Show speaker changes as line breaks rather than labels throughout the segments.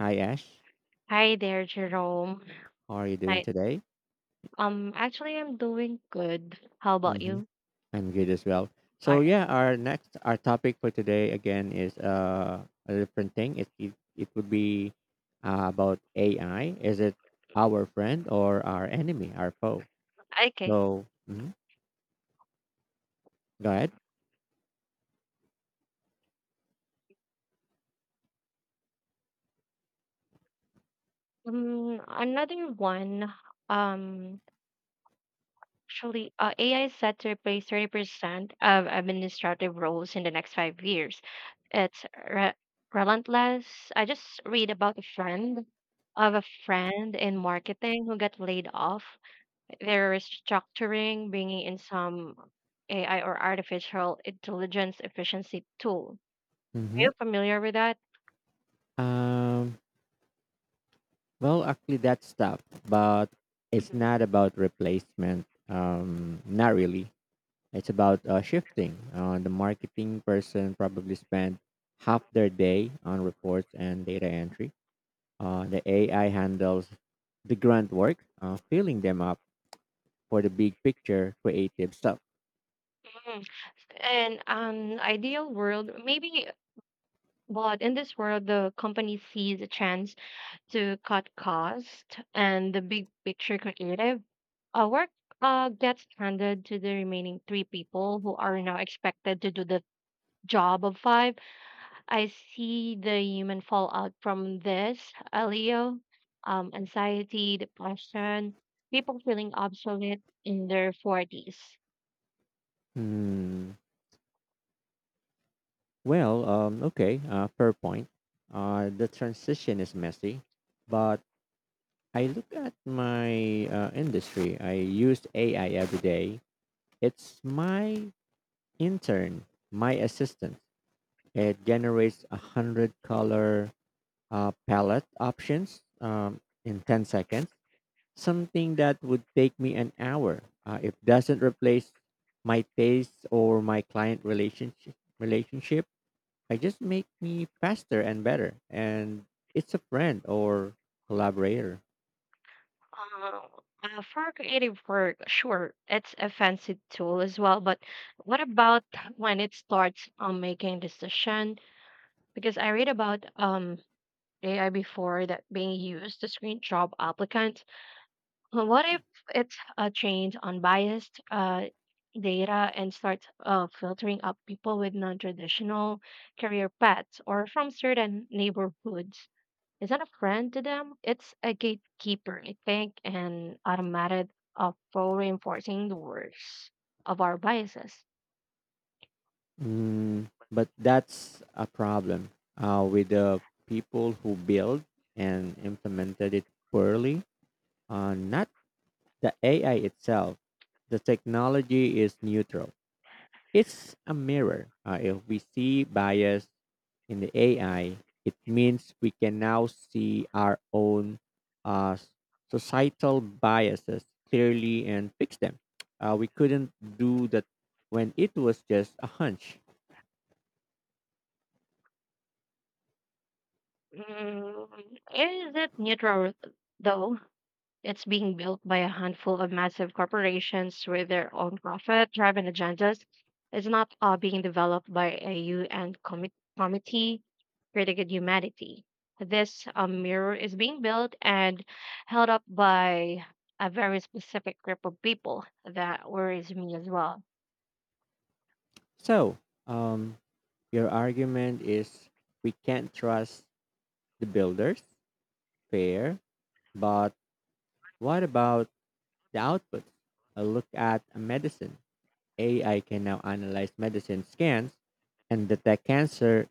Hi Ash,
Hi there, Jerome.
how are you doing
Hi.
today?
Actually, I'm doing good. How about
Hmm.
you?
I'm good as well.
All
So
right.
yeah, our next our topic for today again is a different thing. It would be about AI. Is it our friend or our enemy, our foe?
Okay.
So mhm, go ahead.
Another one. Um, AI is set to replace 30% of administrative roles in the next five years. It's re relentless. I just read about a friend of a friend in marketing who got laid off. They're restructuring, bringing in some AI or artificial intelligence efficiency tool. Are
Hmm.
you familiar with that?
Um, well, actually, that's tough, but it's
Mhm.
not about replacement. Not really. It's about shifting. The marketing person probably spent half their day on reports and data entry. The AI handles the grunt work, filling them up for the big picture creative stuff.
Mm. And Ideal world, maybe, but in this world, the company sees a chance to cut cost, and the big picture creative work gets handed to the remaining three people who are now expected to do the job of five. I see the human fallout from this, Leo, anxiety, depression, people feeling obsolete in their 40s.
Hmm. Well, okay, fair point. The transition is messy, but I look at my industry. I use AI every day. It's my intern, my assistant. It generates a hundred color palette options in 10 seconds, something that would take me an hour. It doesn't replace my taste or my client relationship. I just make me faster and better, and it's a friend or collaborator.
Uh, for creative work, sure, it's a fancy tool as well, but what about when it starts making decision? Because I read about AI before that being used to screen job applicants. What if it's trained on biased data and starts filtering up people with non-traditional career paths or from certain neighborhoods? Is that a friend to them? It's a gatekeeper, I think, and automated of for reinforcing the worst of our biases.
Mm, but that's a problem with the people who build and implemented it poorly. Not The AI itself, the technology is neutral. It's a mirror. If we see bias in the AI, it means we can now see our own uh, societal biases clearly and fix them. We couldn't do that when it was just a hunch.
Mm, is it neutral though? It's being built by a handful of massive corporations with their own profit driven agendas. It's not being developed by a committee critical humanity. This mirror is being built and held up by a very specific group of people that worries me as well.
So, um, your argument is we can't trust the builders, fair, but what about the output, a look at a medicine. AI can now analyze medicine scans and detect cancer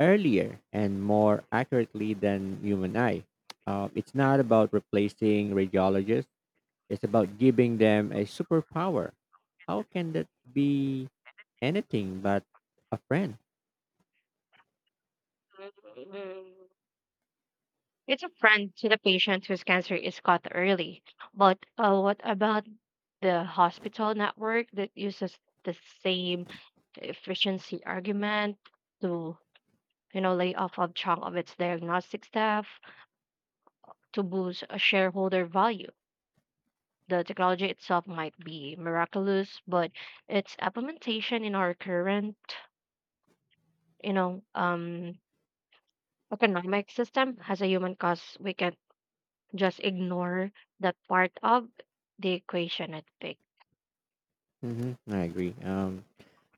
earlier and more accurately than human eye. It's not about replacing radiologists, it's about giving them a superpower. How can that be anything but a friend?
It's a friend to the patient whose cancer is caught early. But what about the hospital network that uses the same efficiency argument to, you know, lay off a chunk of its diagnostic staff to boost a shareholder value? The technology itself might be miraculous, but its implementation in our current, you know, um, economic system has a human cost we can just ignore that part of the equation at pick.
Hmm, I agree.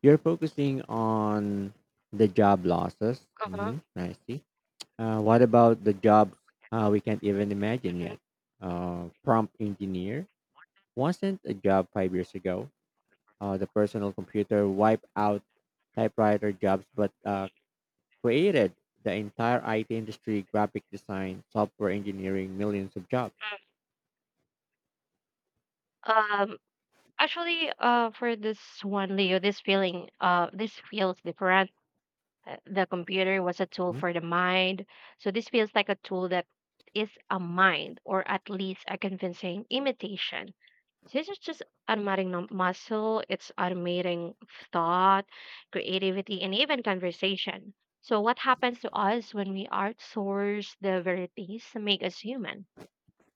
You're focusing on the job losses.
Uh-huh.
Hmm, I see. What about the jobs we can't even imagine yet? Prompt engineer wasn't a job 5 years ago. The personal computer wiped out typewriter jobs, but created the entire IT industry, graphic design, software engineering, millions of jobs.
mhm, Um, for this one, Leo, this feels different. The computer was a tool for the mind, so this feels like a tool that is a mind, or at least a convincing imitation. So this is just automating muscle, it's automating thought, creativity, and even conversation. So, what happens to us when we outsource the verities that make us human,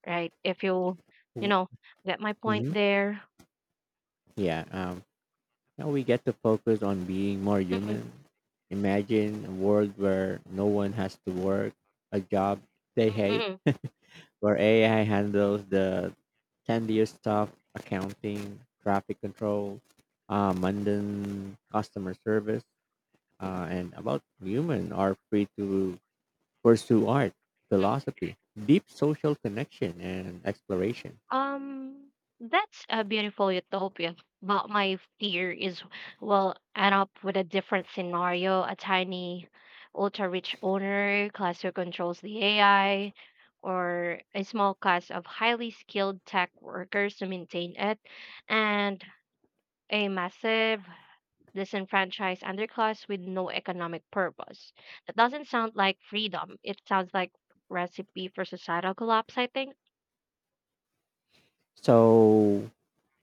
right? If you, you know, Get my point
Mm-hmm.
there.
Yeah. Now we get to focus on being more
Mhm,
human. Imagine a world where no one has to work a job they hate,
mhm.
where AI handles the tedious stuff, accounting, traffic control, mundane customer service, and about human are free to pursue art, philosophy, deep social connection, and exploration.
Um, that's a beautiful utopia. But my fear is we'll end up with a different scenario. A tiny, ultra rich owner, class who controls the AI, or a small class of highly skilled tech workers to maintain it, and a massive disenfranchised underclass with no economic purpose. That doesn't sound like freedom. It sounds like recipe for societal collapse, I think.
So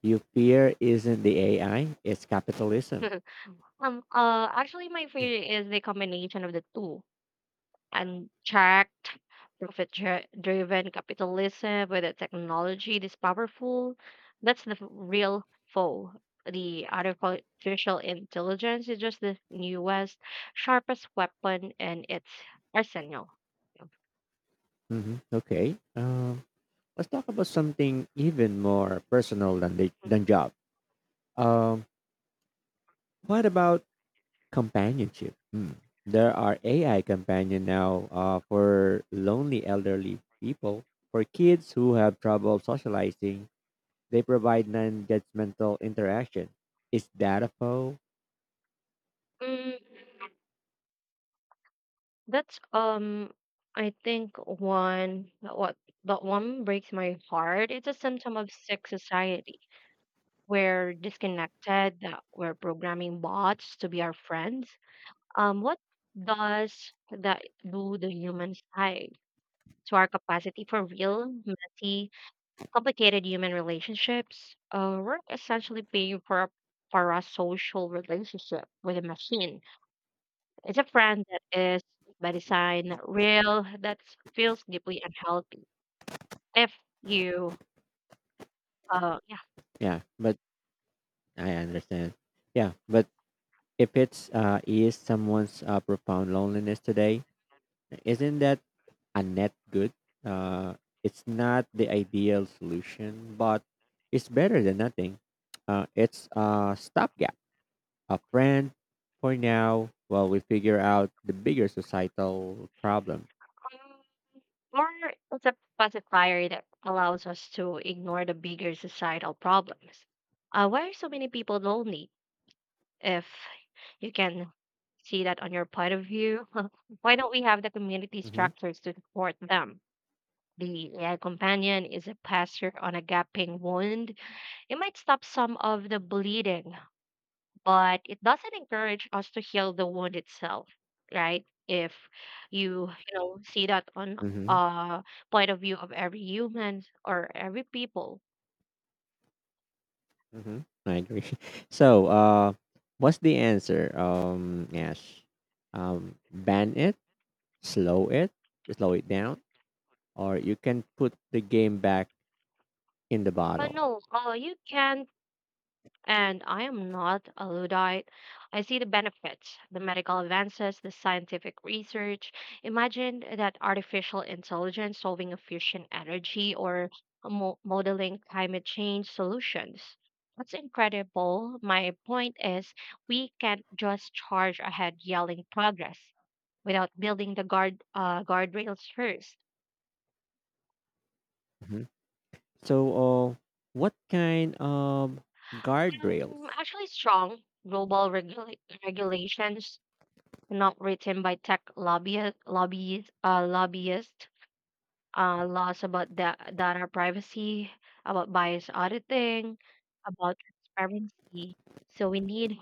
your fear isn't the AI, it's capitalism.
My favorite is the combination of the two. Unchecked, profit-driven capitalism with a technology this powerful. That's the real foe. The artificial intelligence is just the newest, sharpest weapon in its arsenal.
Hmm, okay. Let's talk about something even more personal than the, than job. Um, what about companionship? Hmm. There are AI companion now for lonely elderly people. For kids who have trouble socializing, they provide non-judgmental interaction. Is that a foe?
Mm, that's I think one what that one breaks my heart. It's a symptom of sick society. We're disconnected. We're programming bots to be our friends. What does that do the human side to our capacity for real, messy, complicated human relationships? We're essentially paying for a social relationship with a machine. It's a friend that is by design not real, that feels deeply unhealthy. If you, uh,
Yeah, but I understand. Yeah, but if it's is someone's profound loneliness today, isn't that a net good? Uh, it's not the ideal solution, but it's better than nothing. It's a stopgap, a friend for now while we figure out the bigger societal problem.
yeah. Or it's a pacifier that allows us to ignore the bigger societal problems. Why are so many people lonely? If you can see that on your point of view, why don't we have the community
Mm-hmm.
structures to support them? The AI companion is a passer on a gaping wound. It might stop some of the bleeding, but it doesn't encourage us to heal the wound itself, right? If you you know see that on
Mm-hmm.
uh point of view of every human or every people,
Mm-hmm. I agree. So, what's the answer, Ash? Ban it, slow it, slow it down, or you can put the game back in the
but
bottle.
no, you can't. And I am not a Luddite. I see the benefits, the medical advances, the scientific research. Imagine that artificial intelligence solving a fusion energy or modeling climate change solutions. That's incredible. My point is, we can't just charge ahead yelling progress without building the guardrails first.
So, what kind of guardrails?
Strong global regulations not written by lobbyist, laws about data privacy, about bias auditing, about transparency. So we need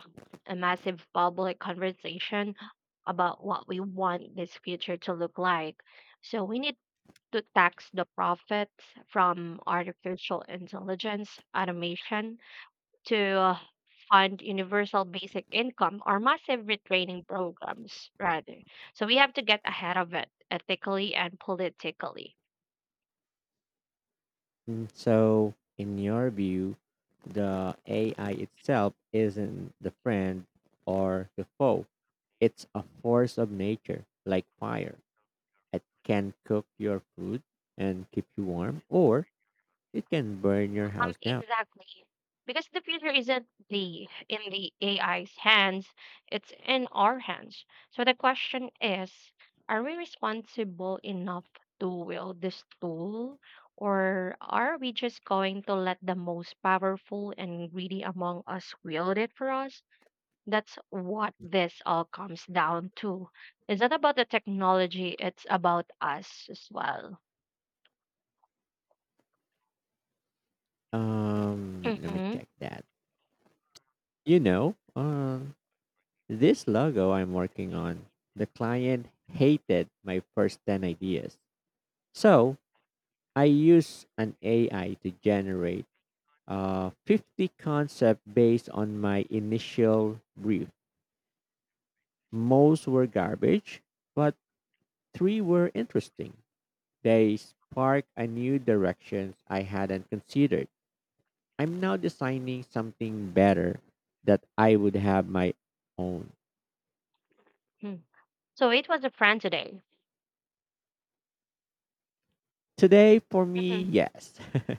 a massive public conversation about what we want this future to look like. So we need to tax the profits from artificial intelligence, automation, to uh, fund universal basic income or massive retraining programs, rather. So we have to get ahead of it ethically and politically.
Mm, so, in your view, the AI itself isn't the friend or the foe. It's a force of nature, like fire. It can cook your food and keep you warm, or it can burn your house down.
Exactly. Because the future isn't the in the AI's hands, it's in our hands. So the question is, are we responsible enough to wield this tool? Or are we just going to let the most powerful and greedy among us wield it for us? That's what this all comes down to. It's not about the technology, it's about us as well.
Let me
Hmm.
check that. You know, this logo I'm working on, the client hated my first 10 ideas. So I use an AI to generate 50 concepts based on my initial brief. Most were garbage, but three were interesting. They sparked a new directions I hadn't considered. I'm now designing something better that I would have my own.
So it was a friend today.
Today, for me,
Mhm.
yes.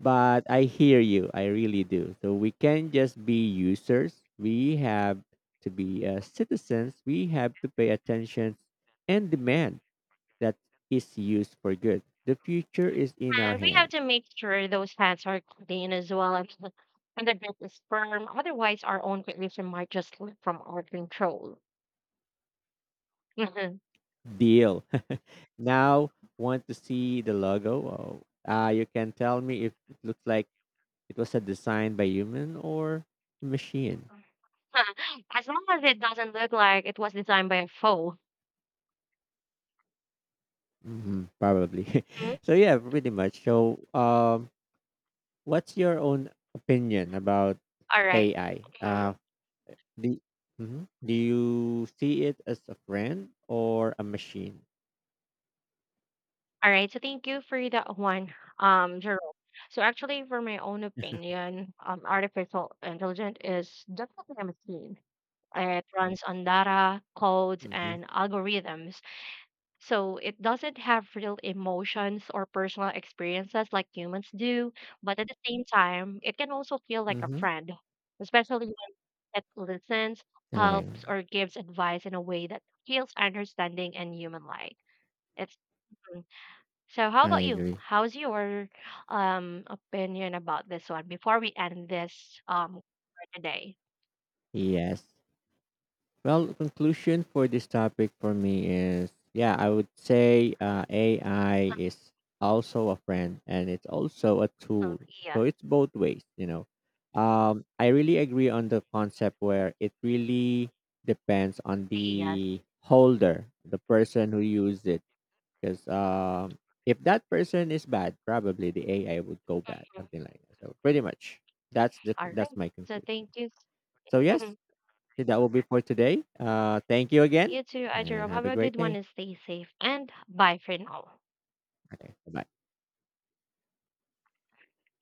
But I hear you. I really do. So we can just be users. We have to be citizens. We have to pay attention and demand that is used for good. The future is in our
And we have
hands.
to make sure those hands are clean as well and, the bed is firm. Otherwise, our own creation might just slip from our control. Mhm.
Deal. Now, want to see the logo? Oh, you can tell me if it looks like it was a design by human or machine.
As long as it doesn't look like it was designed by a foe.
Hmm, probably.
Mhm.
So yeah, pretty much so, what's your own opinion about
All right.
AI?
Mhm.
Do, mhm. Do you see it as a friend or a machine?
All right, so thank you for that one, Jerome. So actually, for my own opinion, artificial intelligence is definitely a machine. It runs on data, codes,
Hmm.
and algorithms. So it doesn't have real emotions or personal experiences like humans do. But at the same time, it can also feel like a
Hmm.
friend, especially when it listens,
I,
helps, or gives advice in a way that feels understanding and human-like. It's um, so how
I
about you?
agree.
How's your opinion about this one before we end this for today?
Yes. Well, conclusion for this topic for me is yeah, I would say AI is also a friend and it's also a tool.
Oh,
So
yes,
it's both ways, you know. I really agree on the concept where it really depends on
yes.
the holder, the person who used it. Because if that person is bad, probably the AI would go bad, something like that. So pretty much
All
that's
right.
my
So
conclusion.
thank you.
So yes, so that will be for today. Thank you again,
You too,
and
Jerome.
have
Have
a
a
great
good one
day.
and stay safe. And bye for now.
Okay, bye.